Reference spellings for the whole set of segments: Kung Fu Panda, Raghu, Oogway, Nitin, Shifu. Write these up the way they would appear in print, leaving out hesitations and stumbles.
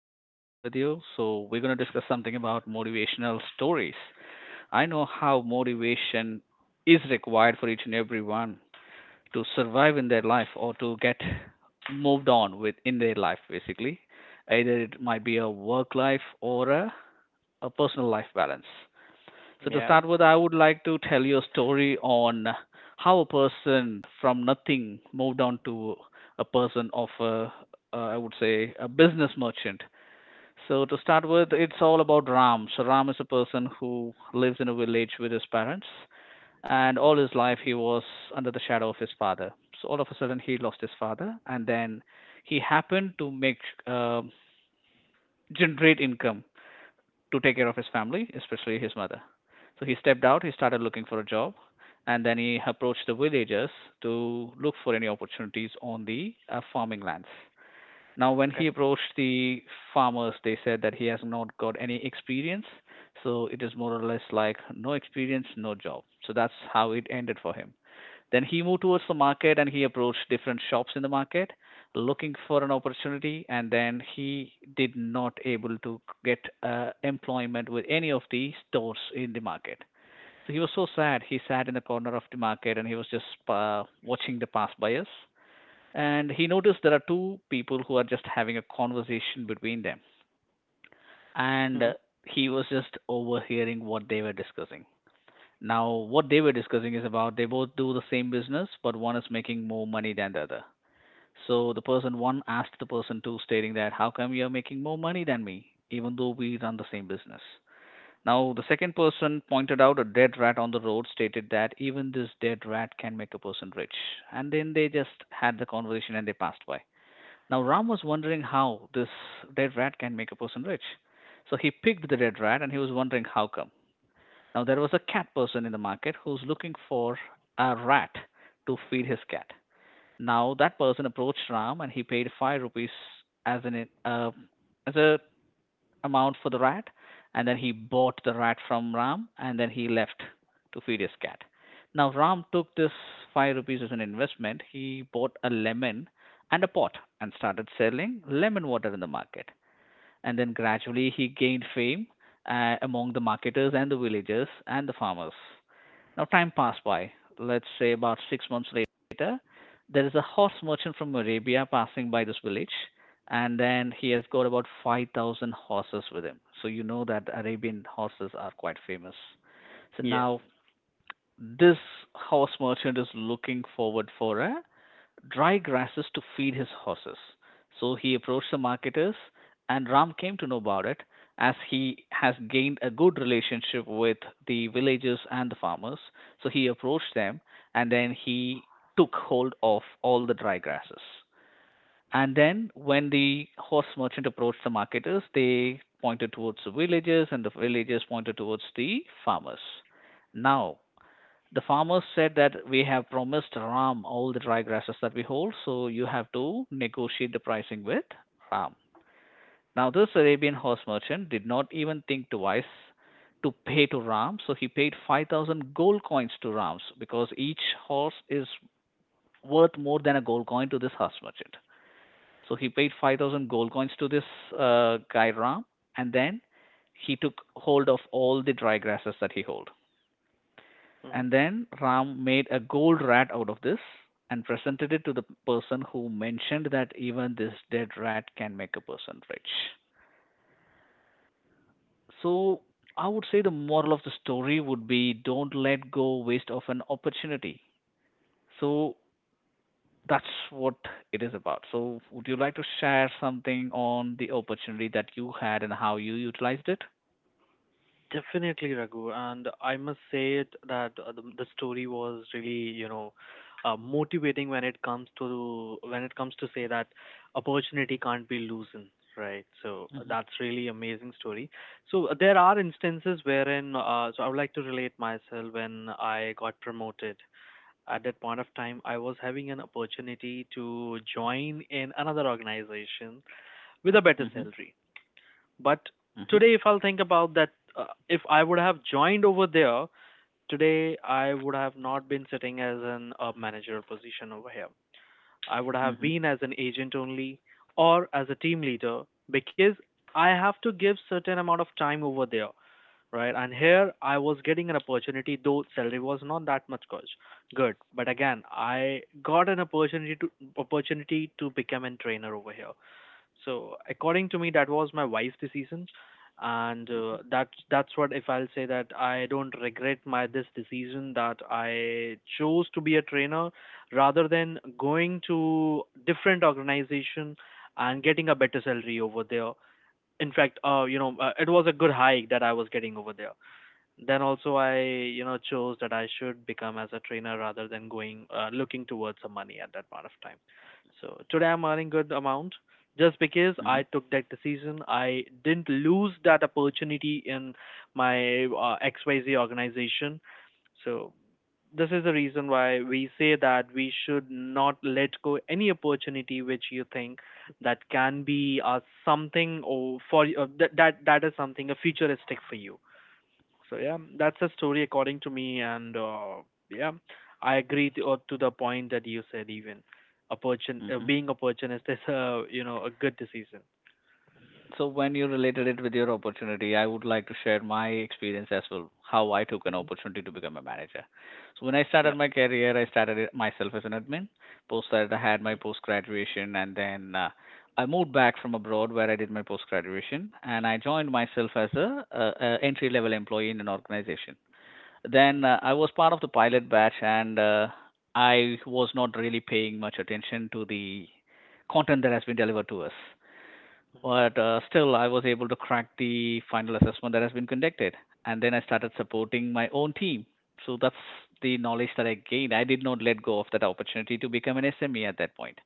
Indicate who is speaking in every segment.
Speaker 1: hope all is well with you. So, we're going to discuss something about motivational stories. I know how motivation is required for each and every one to survive in their life or to get moved on with in their life, basically. Either it might be a work life or a personal life balance. So, to
Speaker 2: Yeah.
Speaker 1: start with, I would like to tell you a story on how a person from nothing moved on to a person of I would say, a business merchant. So to start with, it's all about Ram. So Ram is a person who lives in a village with his parents, and all his life he was under the shadow of his father. So all of a sudden he lost his father, and then he happened to make uh, generate income to take care of his family, especially his mother. So he stepped out, he started looking for a job, and then he approached the villagers to look for any opportunities on the farming lands. Now, when he
Speaker 2: Okay.
Speaker 1: approached the farmers, they said that he has not got any experience. So it is more or less like no experience, no job. So that's how it ended for him. Then he moved towards the market and he approached different shops in the market looking for an opportunity. And then he did not able to get employment with any of the stores in the market. So he was so sad. He sat in the corner of the market and he was just watching the pass by, and he noticed there are two people who are just having a conversation between them,
Speaker 2: hmm
Speaker 1: and he was just overhearing what they were discussing. Now, what they were discussing is about they both do the same business but one is making more money than the other. So the person one asked the person two stating that how come you are making more money than me even though we run the same business. Now the second person pointed out a dead rat on the road, stated that even this dead rat can make a person rich. And then they just had the conversation and they passed by. Now, Ram was wondering how this dead rat can make a person rich. So he picked the dead rat and he was wondering how come. Now, there was a cat person in the market who's looking for a rat to feed his cat. Now, that person approached Ram and he paid 5 rupees as, an, uh, as a amount for the rat, and then he bought the rat from Ram, and then he left to feed his cat. Now Ram took this five rupees as an investment. He bought a lemon and a pot and started selling lemon water in the market. And then gradually he gained fame among the marketers and the villagers and the farmers. Now, time passed by. Let's say about 6 months later, there is a horse merchant from Arabia passing by this village, and then he has got about 5,000 horses with him. So, you know that Arabian horses are quite famous. So,
Speaker 2: Yes.
Speaker 1: now this horse merchant is looking forward for a dry grasses to feed his horses. So he approached the marketers, and Ram came to know about it as he has gained a good relationship with the villagers and the farmers. So he approached them and then he took hold of all the dry grasses. And then, when the horse merchant approached the marketers, they pointed towards the villagers, and the villagers pointed towards the farmers. Now, the farmers said that we have promised Ram all the dry grasses that we hold, so you have to negotiate the pricing with Ram. Now, this Arabian horse merchant did not even think twice to pay to Ram, so he paid 5,000 gold coins to Rams because each horse is worth more than a gold coin to this horse merchant. So he paid 5,000 gold coins to this guy Ram, and then he took hold of all the dry grasses that he held.
Speaker 2: hmm
Speaker 1: And then Ram made a gold rat out of this and presented it to the person who mentioned that even this dead rat can make a person rich. So I would say the moral of the story would be don't let go waste of an opportunity. So that's what it is about. So would you like to share something on the opportunity that you had and how you utilized it?
Speaker 2: Definitely, Raghu. And I must say it that the story was really, you know, motivating when it comes to when it comes to say that opportunity can't be loosened, right? So
Speaker 1: Mm-hmm.
Speaker 2: that's really amazing story. So there are instances wherein, so I would like to relate myself when I got promoted. At that point of time, I was having an opportunity to join in another organization with a better
Speaker 1: Mm-hmm.
Speaker 2: salary. But
Speaker 1: Mm-hmm.
Speaker 2: today, if I'll think about that, if I would have joined over there, today I would have not been sitting as an a manager position over here. I would have
Speaker 1: Mm-hmm.
Speaker 2: been as an agent only or as a team leader because I have to give certain amount of time over there, right? And here I was getting an opportunity, though salary was not that much good. Good, but again, I got an opportunity to become a trainer over here. So according to me, that was my wise decision, and that's what if I'll say that I don't regret my this decision that I chose to be a trainer rather than going to different organization and getting a better salary over there. In fact, you know, it was a good hike that I was getting over there. Then also I, you know, chose that I should become as a trainer rather than going looking towards some money at that point of time. So today I'm earning good amount just because I took that decision. I didn't lose that opportunity in my XYZ organization. So this is the reason why we say that we should not let go any opportunity which you think that can be something or for that that that is something a futuristic for you. So yeah, that's a story according to me, and yeah, I agree to the point that you said. Even opportun
Speaker 1: Mm-hmm.
Speaker 2: being opportunist is a you know a good decision.
Speaker 1: So when you related it with your opportunity, I would like to share my experience as well, how I took an
Speaker 2: Hmm
Speaker 1: opportunity to become a manager. So when I
Speaker 2: Yeah,
Speaker 1: started my career, I started it myself as an admin. Post that, I had my post graduation, and then I moved back from abroad where I did my post graduation, and I joined myself as a entry level employee in an organization. Then I was part of the pilot batch, and I was not really paying much attention to the content that has been delivered to us. But still, I was able to crack the final assessment that has been conducted. And then I started supporting my own team. So that's the knowledge that I gained. I did not let go of that opportunity to become an SME at that point.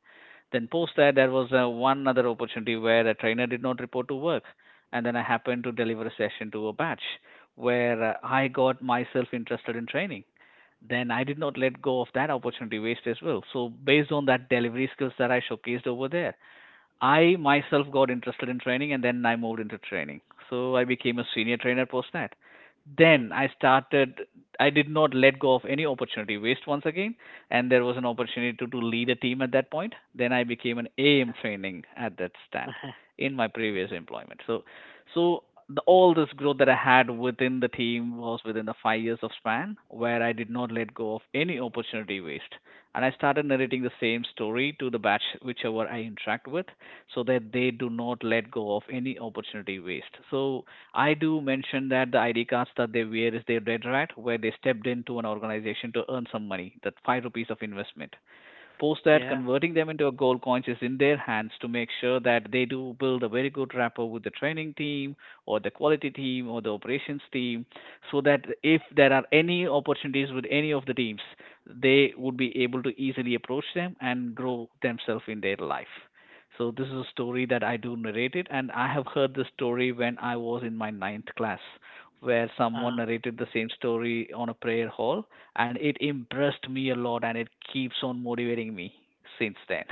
Speaker 1: Then, post that, there was one other opportunity where a trainer did not report to work. And then I happened to deliver a session to a batch where I got myself interested in training. Then I did not let go of that opportunity waste as well. So based on that delivery skills that I showcased over there, I myself got interested in training and then I moved into training. So I became a senior trainer postnet. Then I started, I did not let go of any opportunity waste once again. And there was an opportunity to lead a team at that point. Then I became an AM training at that stand in my previous employment. So, so all this growth that I had within the team was within the 5 years of span where I did not let go of any opportunity waste, and I started narrating the same story to the batch whichever I interact with so that they do not let go of any opportunity waste. So I do mention that the ID cards that they wear is their red right, where they stepped into an organization to earn some money, that five rupees of investment. Post that,
Speaker 2: yeah.
Speaker 1: converting them into a gold coins is in their hands to make sure that they do build a very good rapport with the training team or the quality team or the operations team, so that if there are any opportunities with any of the teams, they would be able to easily approach them and grow themselves in their life. So this is a story that I do narrate it, and I have heard this story when I was in my ninth class, where someone narrated the same story on a prayer hall, and it impressed me a lot, and it keeps on motivating me since then.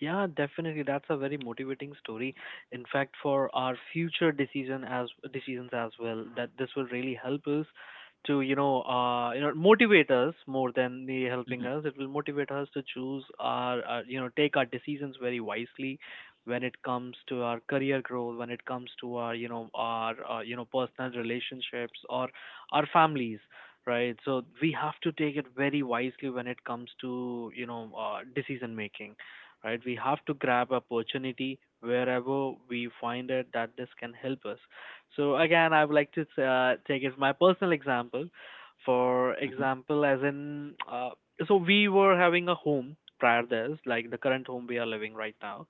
Speaker 2: Yeah, definitely. That's a very motivating story. In fact, for our future decisions as well, that this will really help us to you know motivate us more than the helping us. It will motivate us to choose our you know take our decisions very wisely when it comes to our career growth, when it comes to our you know personal relationships or our families, right? So we have to take it very wisely when it comes to you know decision making, right? We have to grab opportunity wherever we find it that this can help us. So again, I would like to take as my personal example. For
Speaker 1: Mhm, mhm,
Speaker 2: example, as in, so we were having a home prior this, like the current home we are living right now.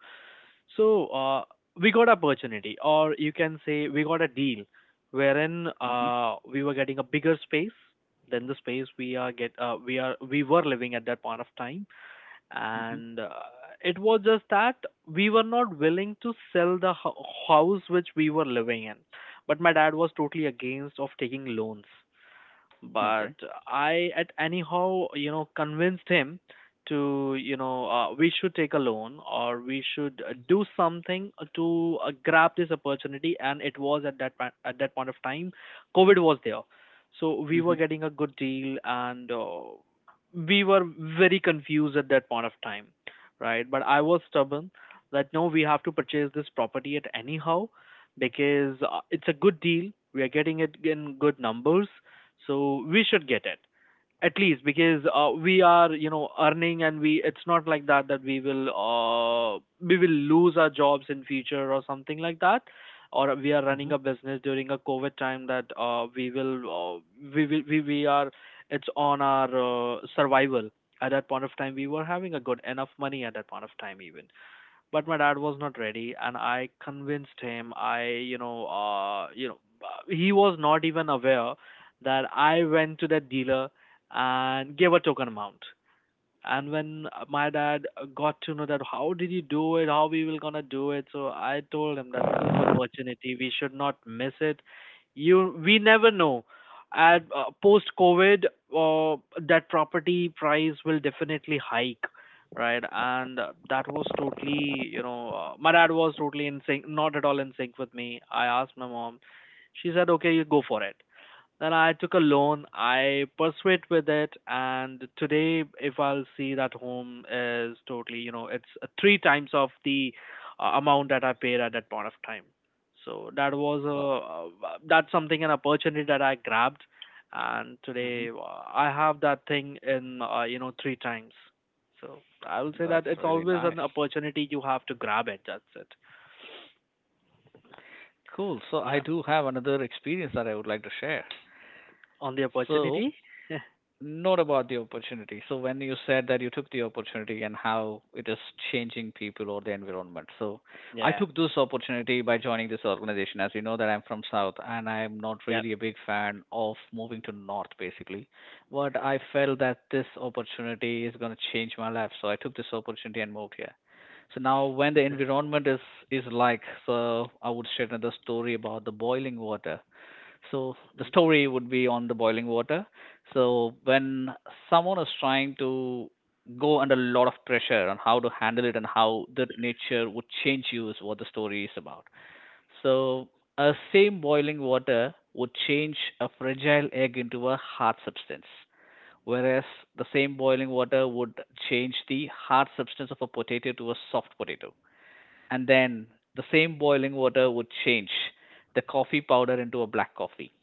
Speaker 2: So we got opportunity, or you can say we got a deal, wherein
Speaker 1: mhm,
Speaker 2: we were getting a bigger space than the space we are get we are we were living at that point of time
Speaker 1: mhm.
Speaker 2: and it was just that we were not willing to sell the house which we were living in, but my dad was totally against of taking loans. But
Speaker 1: Okay.
Speaker 2: I at anyhow you know convinced him to you know we should take a loan or we should do something to grab this opportunity, and it was at at that point of time covid was there. So we were
Speaker 1: Mhm,
Speaker 2: getting a good deal and we were very confused at that point of time, right? But I was stubborn that no, we have to purchase this property at anyhow because it's a good deal, we are getting it in good numbers, so we should get it at least because we are you know earning and we it's not like that that we will lose our jobs in future or something like that, or we are
Speaker 1: mhm.
Speaker 2: running a business during a covid time that we will we are it's on our survival. At that point of time we were having a good enough money at that point of time even, but my dad was not ready, and I convinced him. I you know he was not even aware that I went to that dealer and gave a token amount, and when my dad got to know that how did you do it, how we will gonna do it, so I told him that this is an opportunity, we should not miss it. You, we never know at post covid, uh, that property price will definitely hike, right? And that was totally you know my dad was totally in sync, not at all in sync with me. I asked my mom, she said okay, you go for it. Then I took a loan, I pursued with it, and today, if I'll see that home is totally, you know, it's three times of the amount that I paid at that point of time. So that was
Speaker 1: Wow.
Speaker 2: a that's something an opportunity that I grabbed, and
Speaker 1: Mhm.
Speaker 2: today I have that thing in you know three times. So I will say
Speaker 1: That's
Speaker 2: that it's
Speaker 1: really
Speaker 2: always
Speaker 1: nice.
Speaker 2: an opportunity, you have to grab it. That's it.
Speaker 1: Cool. So I
Speaker 2: Yeah,
Speaker 1: do have another experience that I would like to share.
Speaker 2: on the
Speaker 1: So,
Speaker 2: opportunity.
Speaker 1: not about the opportunity. So when you said that you took the opportunity and how it is changing people or the environment. So I
Speaker 2: yeah,
Speaker 1: took this opportunity by joining this organization. As you know that I'm from South and I'm not
Speaker 2: yeah.
Speaker 1: really a big fan of moving to North basically. But I felt that this opportunity is gonna change my life. So I took this opportunity and moved here. So now when the environment is like, so I would share another story about the boiling water. So the story would be on the boiling water. So when someone is trying to go under a lot of pressure on how to handle it and how that nature would change you is what the story is about. So a same boiling water would change a fragile egg into a hard substance, whereas the same boiling water would change the hard substance of a potato to a soft potato. And then the same boiling water would change the coffee powder into a black coffee.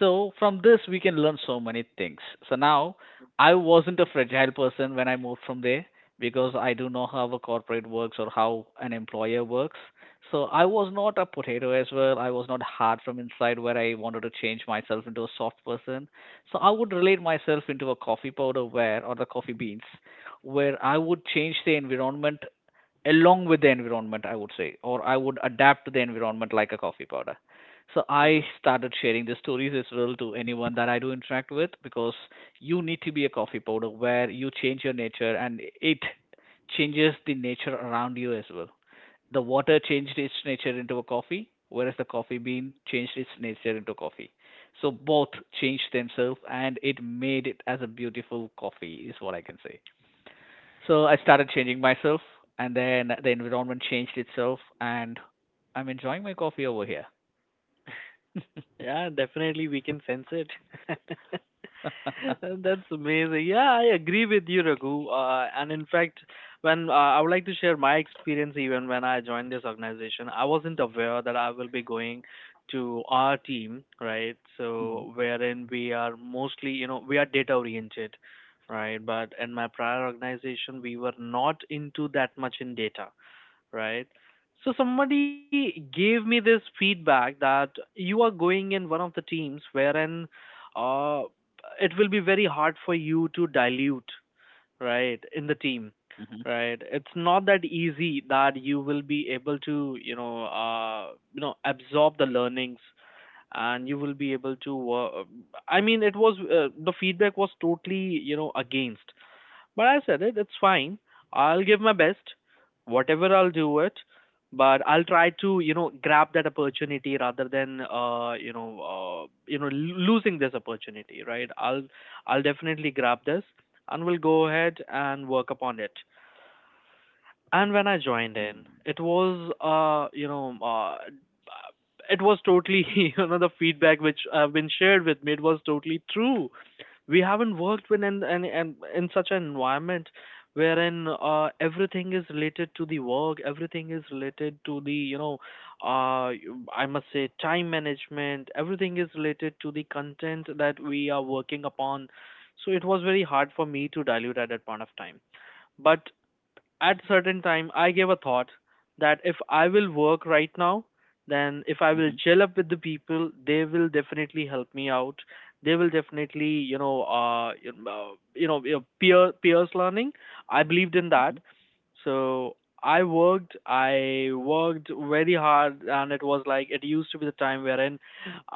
Speaker 1: So from this, we can learn so many things. So now, I wasn't a fragile person when I moved from there because I do know how a corporate works or how an employer works. So I was not a potato as well. I was not hard from inside where I wanted to change myself into a soft person. So I would relate myself into a coffee powder where or the coffee beans where I would change the environment, along with the environment, I would say, or I would adapt to the environment like a coffee powder. So
Speaker 2: hmm
Speaker 1: I started sharing the stories as well to anyone that I do interact with, because you need to be a coffee powder where you change your nature and it changes the nature around you as well. The water changed its nature into a coffee, whereas the coffee bean changed its nature into coffee. So both changed themselves and it made it as a beautiful coffee, is what I can say. So I started changing myself, and then the environment changed itself, and I'm enjoying my coffee over here.
Speaker 2: Yeah, definitely we can sense it. That's amazing. Yeah, I agree with you, Raghu. And in fact, when I would like to share my experience, even when I joined this organization, I wasn't aware that I will be going to our team, right?
Speaker 1: Mm-hmm.
Speaker 2: So wherein we are mostly, you know, we are data oriented, right? But in my prior organization, we were not into that much in data, right? So somebody gave me this feedback that you are going in one of the teams wherein uh, it will be very hard for you to dilute, right, in the team,
Speaker 1: Mm-hmm.
Speaker 2: right? It's not that easy that you will be able to, you know, absorb the learnings and you will be able to. I mean, it was the feedback was totally, you know, against. But I said it, it's fine. I'll give my best, whatever I'll do it, but I'll try to, you know, grab that opportunity rather than, you know, losing this opportunity, right? I'll definitely grab this, and we'll go ahead and work upon it. And when I joined in,
Speaker 1: Mm-hmm.
Speaker 2: it was it was totally you know the feedback which have been shared with me, it was totally true. We haven't worked with an an in such an environment wherein everything is related to the work, everything is related to the you know uh, I must say time management, everything is related to the content that we are working upon. So it was very hard for me to dilute at that point of time. But at certain time I gave a thought that if I will work right now, then if I will
Speaker 1: Mm-hmm.
Speaker 2: gel up with the people, they will definitely help me out. They will definitely you know peers learning, I believed in
Speaker 1: Mm-hmm.
Speaker 2: that. So I worked I worked very hard, and it was like it used to be the time wherein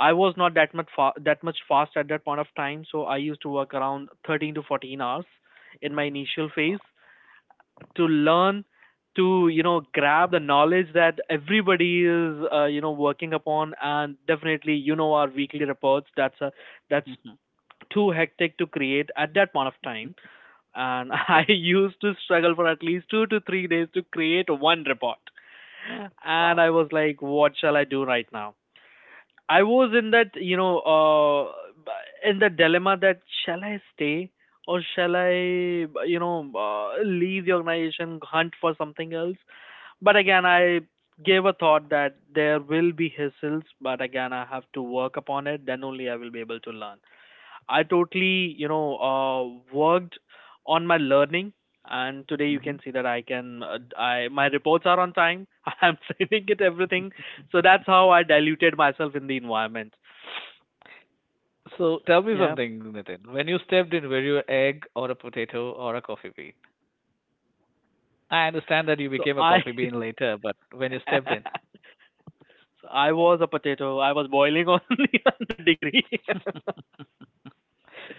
Speaker 2: I was not that much that much fast at that point of time, so I used to work around 13 to 14 hours in my initial phase
Speaker 1: Wow.
Speaker 2: to learn, to you know grab the knowledge that everybody is you know working upon. And definitely you know our weekly reports, that's
Speaker 1: Mm-hmm.
Speaker 2: too hectic to create at that point of time, and I
Speaker 1: Okay.
Speaker 2: used to struggle for at least 2 to 3 days to create one report. And I
Speaker 1: Wow.
Speaker 2: was like, what shall I do right now? I was in that, you know, in the dilemma that shall I stay or shall I, you know, leave the organization, hunt for something else. But again, I gave a thought that there will be hassles, but again, I have to work upon it. Then only I will be able to learn. I totally, you know, worked on my learning, and today you
Speaker 1: Mm-hmm.
Speaker 2: can see that I can, I my reports are on time. I'm saving it everything, so that's how I diluted myself in the environment.
Speaker 1: So tell me
Speaker 2: Yeah.
Speaker 1: something, Nitin. When you stepped in, were you an egg or a potato or a coffee bean? I
Speaker 2: So
Speaker 1: understand that you
Speaker 2: I,
Speaker 1: became a coffee bean later, but when you stepped in,
Speaker 2: so I was a potato. I was boiling on the 100 degree.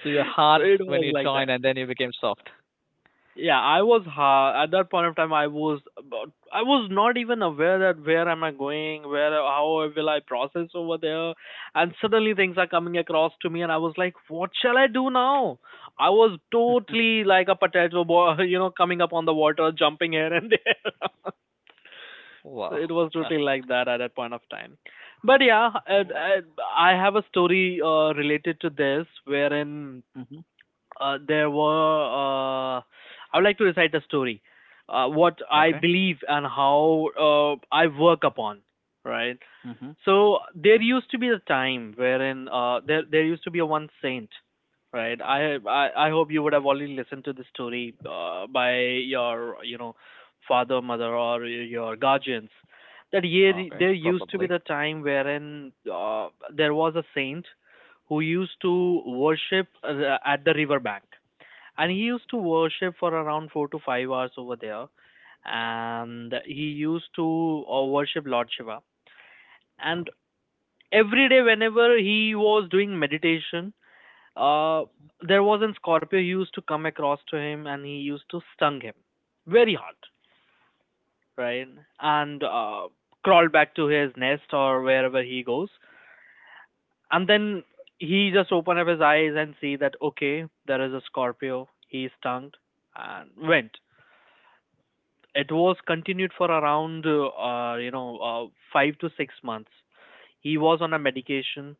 Speaker 1: so you were
Speaker 2: So
Speaker 1: hard
Speaker 2: it
Speaker 1: when
Speaker 2: was
Speaker 1: you
Speaker 2: like
Speaker 1: joined,
Speaker 2: that.
Speaker 1: and then you became soft.
Speaker 2: Yeah, I was ha at that point of time I was not even aware that where am I going, where how will I process over there, and suddenly things are coming across to me, and I was like, what shall I do now? I was totally like a potato boy, coming up on the water, jumping here and there. So
Speaker 1: Wow.
Speaker 2: it was totally like that at that point of time. But yeah, I,
Speaker 1: Wow.
Speaker 2: I, I have a story related to this wherein
Speaker 1: Mm-hmm.
Speaker 2: there were I would like to recite a story what I
Speaker 1: Okay.
Speaker 2: believe and how I work upon. Right,
Speaker 1: Mm-hmm.
Speaker 2: so there used to be a time wherein there used to be a one saint, right? I hope you would have already listened to the story by your father, mother, or your guardians. That year
Speaker 1: Okay.
Speaker 2: there used to be
Speaker 1: Probably.
Speaker 2: the time wherein there was a saint who used to worship at the river bank, and he used to worship for around 4 to 5 hours over there, and he used to worship Lord Shiva, and every day whenever he was doing meditation, uh there was a scorpio, he used to come across to him and he used to stung him very hard. Right, and crawl back to his nest or wherever he goes, and then he just opened up his eyes and see that okay, there is a scorpio, he stung and went. It was continued for around 5 to 6 months. He was on a medication.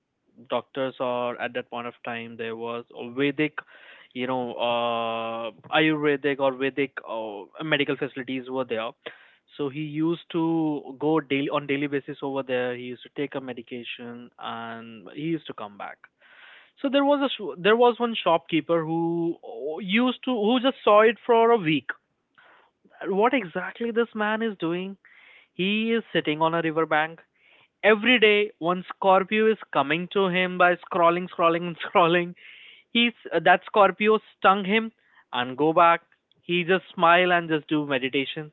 Speaker 2: Doctors, or at that point of time there was a vedic, ayurvedic or vedic medical facilities were there. So he used to go daily on daily basis over there, he used to take a medication and he used to come back. So there was a there was one shopkeeper who used to who just saw it for a week what exactly this man is doing. He is sitting on a riverbank. Every day, one Scorpio is coming to him by scrolling, scrolling, and scrolling. He's That Scorpio stung him and go back. He just smile and just do meditation.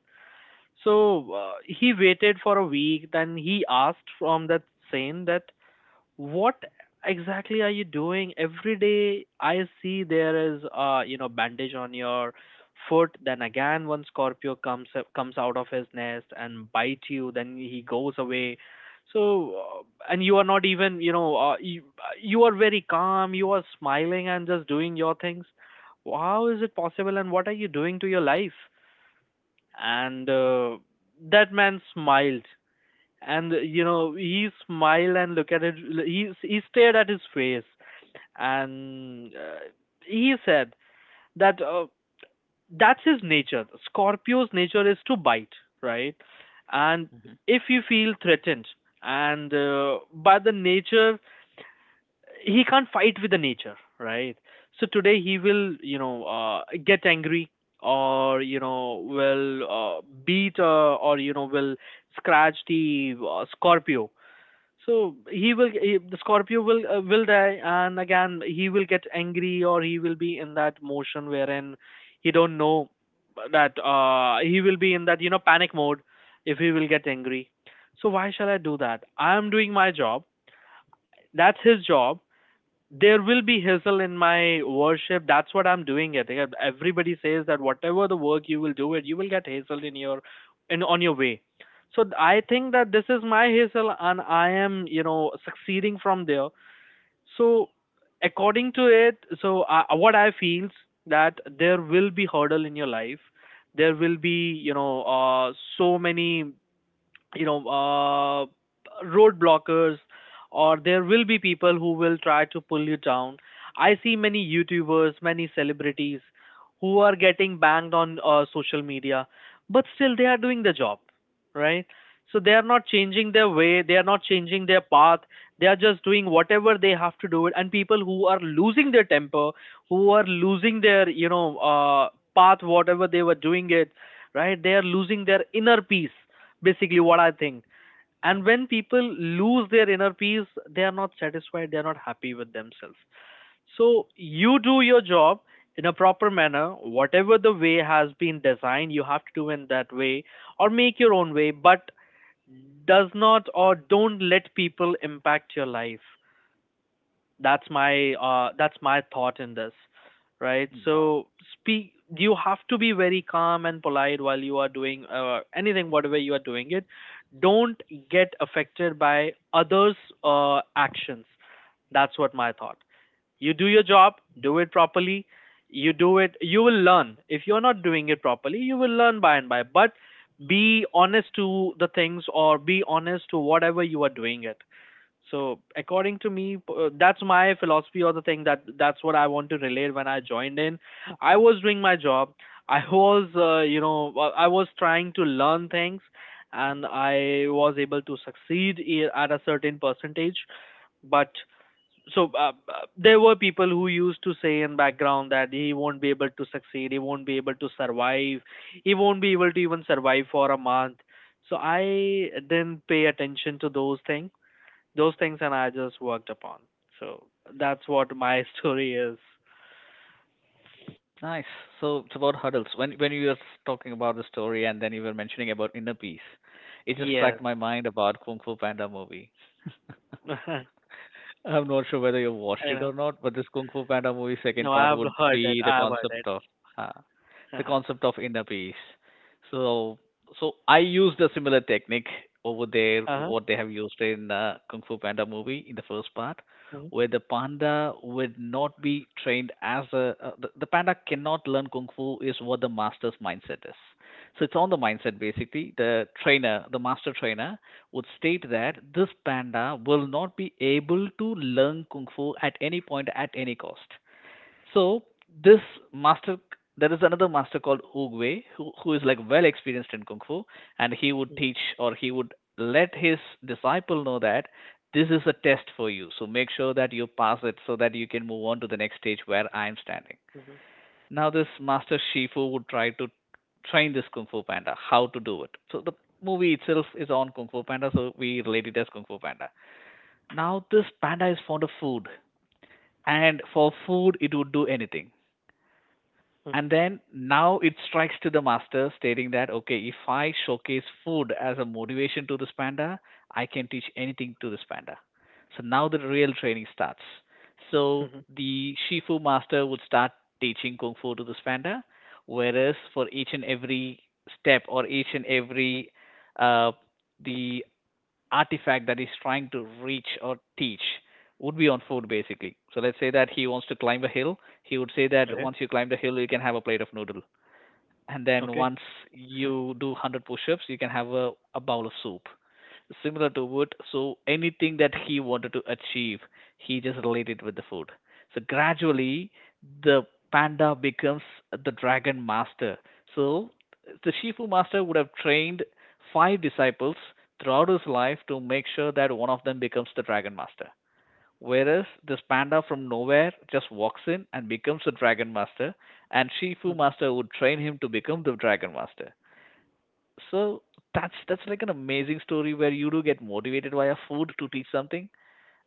Speaker 2: So he waited for a week. Then he asked from that saint that, "What exactly are you doing every day? I see there is bandage on your foot. Then again, one scorpio comes out of his nest and bites you. Then he goes away." So, uh, and you are not even, you are very calm, you are smiling and just doing your things. How is it possible and what are you doing to your life? And that man smiled, and he smiled and look at it, he stared at his face and he said that, that's his nature. Scorpio's nature is to bite, right? And
Speaker 1: Mhm.
Speaker 2: if you feel threatened and by the nature, he can't fight with the nature, right? So today he will, get angry, or will beat, or will scratch the scorpio, so the scorpio will, will die, and again he will get angry, or he will be in that motion wherein he don't know that he will be in that panic mode if he will get angry. So why shall I do that? I am doing my job. That's his job. There will be hassle in my worship. That's what I'm doing it. Yeah, everybody says that whatever the work you will do it, you will get hassle in on your way. So I think that this is my hassle and I am, succeeding from there. So according to it, so what I feels that there will be hurdle in your life, there will be, so many, you know uh, road blockers, or there will be people who will try to pull you down. I see many youtubers, many celebrities who are getting banged on social media, but still they are doing the job, right? So they are not changing their way, they are not changing their path, they are just doing whatever they have to do it. And people who are losing their temper, who are losing their, path, whatever they were doing it, right, they are losing their inner peace, basically, what I think. And when people lose their inner peace, they are not satisfied, they are not happy with themselves. So you do your job in a proper manner. Whatever the way has been designed, you have to do in that way, or make your own way, but does not, or don't let people impact your life. That's my, that's my thought in this, right?
Speaker 1: Wow,
Speaker 2: So speak, you have to be very calm and polite while you are doing anything, whatever you are doing it. Don't get affected by others' actions. That's what my thought. You do your job, do it properly. You do it, you will learn. If you're not doing it properly, you will learn by and by, but be honest to the things, or be honest to whatever you are doing it. So according to me, that's my philosophy, or the thing that's what I want to relate when I joined in. I was doing my job. I was, you know, well, I was trying to learn things, and I was able to succeed at a certain percentage. But there were people who used to say in background that he won't be able to succeed, he won't be able to survive, he won't be able to even survive for a month. So I didn't pay attention to those things, and I just worked upon. So that's what my story is.
Speaker 1: nice. So it's about hurdles. When you were talking about the story, and then you were mentioning about inner peace, it just
Speaker 2: Yes.
Speaker 1: struck my mind about Kung Fu Panda movie.
Speaker 2: I
Speaker 1: I'm not sure whether you've watched it or
Speaker 2: know.
Speaker 1: not, but this Kung Fu Panda movie second
Speaker 2: No,
Speaker 1: part
Speaker 2: I've
Speaker 1: would
Speaker 2: heard it.
Speaker 1: be
Speaker 2: I've heard it.
Speaker 1: uh, the
Speaker 2: Uh-huh.
Speaker 1: concept of inner peace. So, so I used a similar technique over there,
Speaker 2: Uh-huh.
Speaker 1: what they have used in Kung Fu Panda movie in the first part,
Speaker 2: Mhm.
Speaker 1: where the panda would not be trained, the panda cannot learn kung fu, is what the master's mindset is. So it's on the mindset basically. The trainer, the master trainer would state that this panda will not be able to learn kung fu at any point at any cost. So this master, there is another master called Oogway, who is like well experienced in kung fu, and he would teach, or he would let his disciple know that this is a test for you, so make sure that you pass it so that you can move on to the next stage where I am standing. Now this master Shifu would try to train this Kung Fu Panda how to do it. So the movie itself is on Kung Fu Panda, so we relate it as Kung Fu Panda. Now this panda is fond of food, and for food it would do anything. And
Speaker 2: Mhm.
Speaker 1: then now it strikes to the master, stating that, okay, if I showcase food as a motivation to this panda, I can teach anything to this panda. So now the real training starts. So
Speaker 2: Mhm.
Speaker 1: the Shifu master would start teaching Kung Fu to this panda, whereas for each and every step or each and every uh, the artifact that he's trying to reach or teach would be on food basically. So let's say that he wants to climb a hill, he would say that
Speaker 2: Okay.
Speaker 1: once you climb the hill, you can have a plate of noodle, and then
Speaker 2: Okay.
Speaker 1: once you do 100 push-ups you can have a bowl of soup, similar to wood. So anything that he wanted to achieve he just related with the food. So gradually the panda becomes the dragon master. So the Shifu master would have trained five disciples throughout his life to make sure that one of them becomes the dragon master. Whereas this panda from nowhere just walks in and becomes a dragon master, and Shifu
Speaker 2: Mhm.
Speaker 1: Master would train him to become the dragon master. So that's like an amazing story where you do get motivated via food to teach something,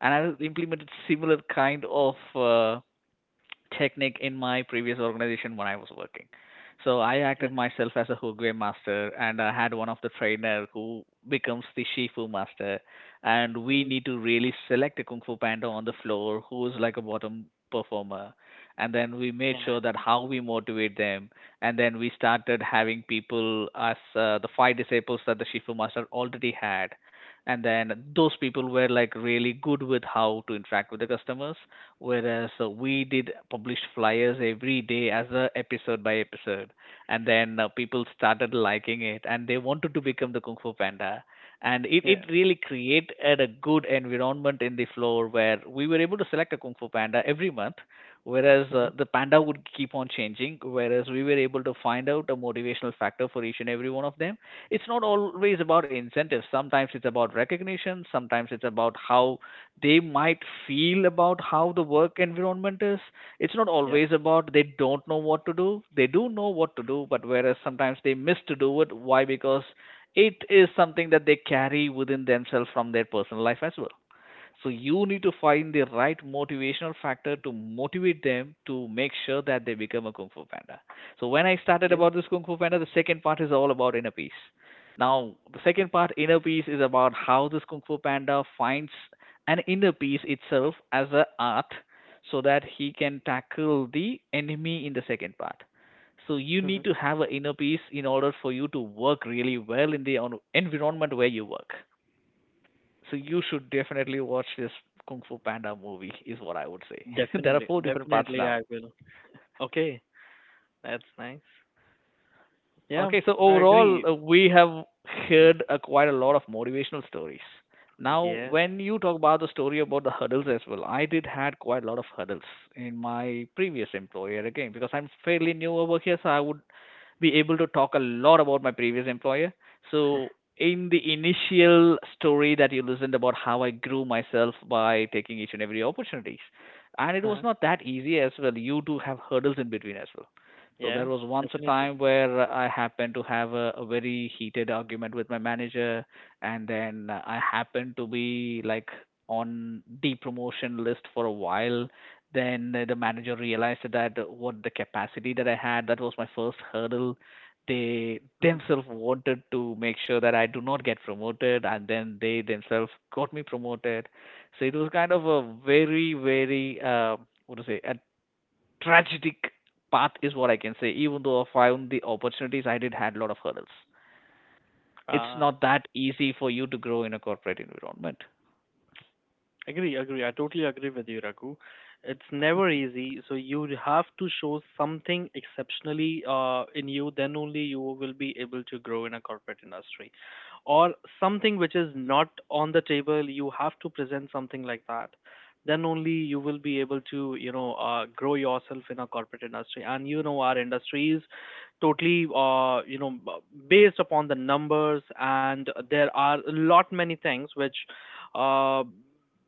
Speaker 1: and I implemented similar kind of technique in my previous organization when I was working. So I acted
Speaker 2: Mhm.
Speaker 1: myself as a Hugwe master, and I had one of the trainer who becomes the Shifu master, and we
Speaker 2: Mhm.
Speaker 1: need to really select a Kung Fu Panda on the floor who is like a bottom performer, and then we made
Speaker 2: Yeah.
Speaker 1: sure that how we motivate them, and then we started having people as the five disciples that the Shifu master already had, and then those people were like really good with how to interact with the customers, whereas we did publish flyers every day as a episode by episode, and then people started liking it and they wanted to become the Kung Fu Panda, and it,
Speaker 2: Yeah.
Speaker 1: it really created a good environment in the floor where we were able to select a Kung Fu Panda every month, whereas
Speaker 2: Mhm.
Speaker 1: the panda would keep on changing, whereas we were able to find out a motivational factor for each and every one of them. It's not always about incentives, sometimes it's about recognition, sometimes it's about how they might feel about how the work environment is. It's not
Speaker 2: Yep.
Speaker 1: always about they don't know what to do. They do know what to do, but whereas sometimes they miss to do it. Why? Because it is something that they carry within themselves from their personal life as well. So you need to find the right motivational factor to motivate them to make sure that they become a Kung Fu Panda. So when I started
Speaker 2: Yeah.
Speaker 1: about this Kung Fu Panda, the second part is all about inner peace. Now, the second part, inner peace, is about how this Kung Fu Panda finds an inner peace itself as an art, so that he can tackle the enemy in the second part. So you need
Speaker 2: Mhm.
Speaker 1: to have an inner peace in order for you to work really well in the environment where you work. So you should definitely watch this Kung Fu Panda movie, is what I would say. There are
Speaker 2: Definitely.
Speaker 1: four different parts
Speaker 2: Definitely
Speaker 1: now.
Speaker 2: I will. Okay. That's nice. Yeah,
Speaker 1: Okay, so
Speaker 2: I
Speaker 1: overall,
Speaker 2: agree.
Speaker 1: we have heard quite a lot of motivational stories. Now,
Speaker 2: Yes.
Speaker 1: when you talk about the story about the hurdles as well, I did had quite a lot of hurdles in my previous employer again because I'm fairly new over here, so I would be able to talk a lot about my previous employer. So, in the initial story that you listened about how I grew myself by taking each and every opportunities, and it was
Speaker 2: Uh-huh.
Speaker 1: not that easy as well. You do have hurdles in between as well. So
Speaker 2: Yeah,
Speaker 1: there was once a
Speaker 2: definitely.
Speaker 1: time where I happened to have a very heated argument with my manager, and then I happened to be like on the promotion list for a while. Then the manager realized that what the capacity that I had, that was my first hurdle. They themselves wanted to make sure that I do not get promoted, and then they themselves got me promoted. So it was kind of a very, very, what to say, a tragic path is what I can say. Even though I found the opportunities, I did had a lot of hurdles. It's
Speaker 2: Uh
Speaker 1: not that easy for you to grow in a corporate environment.
Speaker 2: Agree, agree. I totally agree with you, Raghu. It's never easy, so you have to show something exceptionally in you. Then only you will be able to grow in a corporate industry, or something which is not on the table. You have to present something like that. Then only you will be able to, grow yourself in a corporate industry. And our industry is totally, based upon the numbers, and there are a lot many things which, uh,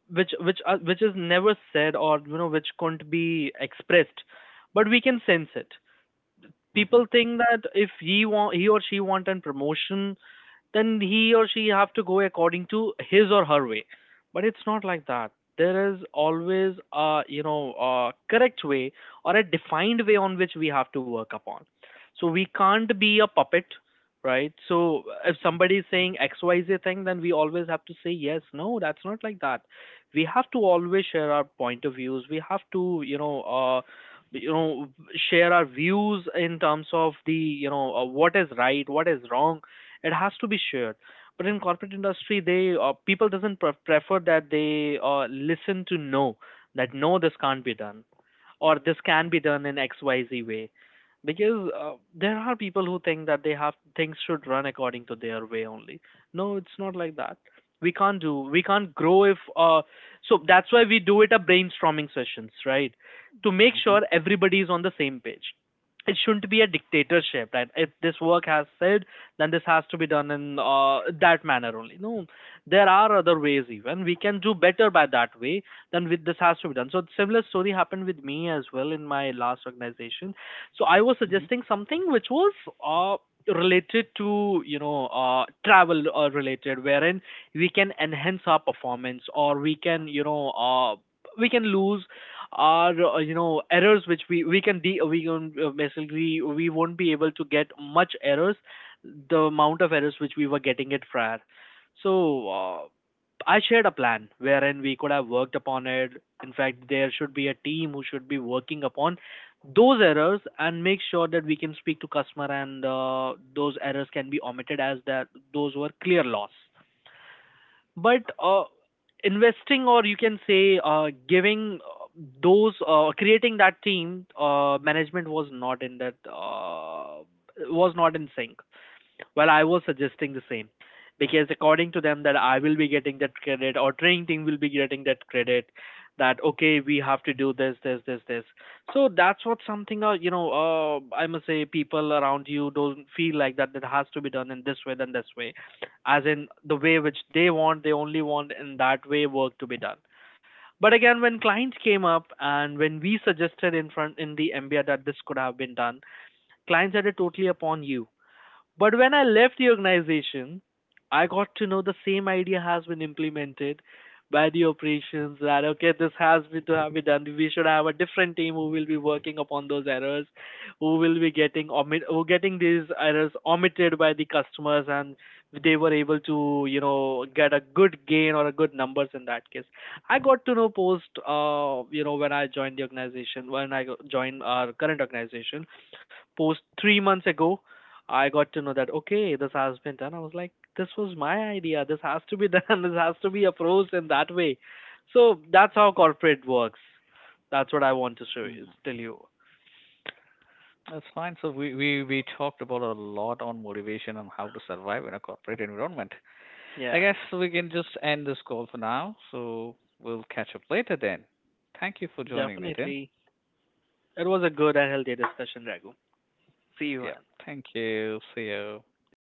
Speaker 2: which is never said, or which couldn't be expressed, but we can sense it. People
Speaker 1: Hmm.
Speaker 2: think that if he or she want an promotion, then he or she have to go according to his or her way. But it's not like that. There is always a, a correct way, or a defined way on which we have to work upon. So we can't be a puppet, right? So if somebody is saying xyz thing, then we always have to say yes. No, that's not like that. We have to always share our point of views. We have to, you know share our views in terms of the, what is right, what is wrong. It has to be shared. But in corporate industry, they people doesn't prefer that. They listen to no, that no, this can't be done, or this can be done in xyz way. Because there are people who think that they have things should run according to their way only. No, it's not like that. We can't grow if, so that's why we do it a brainstorming sessions, right, to make sure everybody is on the same page. It shouldn't be a dictatorship. Right? If this work has said, then this has to be done in that manner only. No, there are other ways even. We can do better by that way than with this has to be done. So similar story happened with me as well in my last organization. So I was
Speaker 1: Hmm.
Speaker 2: suggesting something which was uh, related to, travel related, wherein we can enhance our performance, or we can, we can lose our errors which we can de- we can basically we won't be able to get much errors, the amount of errors which we were getting it prior. So uh, I shared a plan wherein we could have worked upon it. In fact, there should be a team who should be working upon those errors and make sure that we can speak to customer, and those errors can be omitted, as that those were clear loss. But investing, or you can say giving those, creating that team, management was not in that, was not in sync. Well, I was suggesting the same, because according to them that I will be getting that credit, or training team will be getting that credit, that okay, we have to do this, this, this, this. So that's what something, I must say, people around you don't feel like that that has to be done in this way than this way, as in the way which they want, they only want in that way work to be done. But again, when clients came up and when we suggested in front in the MBA that this could have been done, clients had it totally upon you. But when I left the organization, I got to know the same idea has been implemented by the operations, that okay, this has been to have been done. We should have a different team who will be working upon those errors, who will be getting omit, who getting these errors omitted by the customers, and they were able to, get a good gain or a good numbers in that case. I got to know post, when I joined the organization, when I joined our current organization post 3 months ago, I got to know that okay, this has been done. I was like, this was my idea. This has to be done. This has to be approached in that way. So that's how corporate works. That's what I want to
Speaker 1: Hmm.
Speaker 2: tell you.
Speaker 1: That's fine. So we talked about a lot on motivation and how to survive in a corporate environment. I
Speaker 2: Yeah,
Speaker 1: guess we can just end this call for now. So we'll catch up later then. Thank you for joining, Nitin.
Speaker 2: definitely. It was a good and healthy discussion, Raghu. See you,
Speaker 1: Yep.
Speaker 2: and
Speaker 1: Thank you. See you.
Speaker 2: yeah,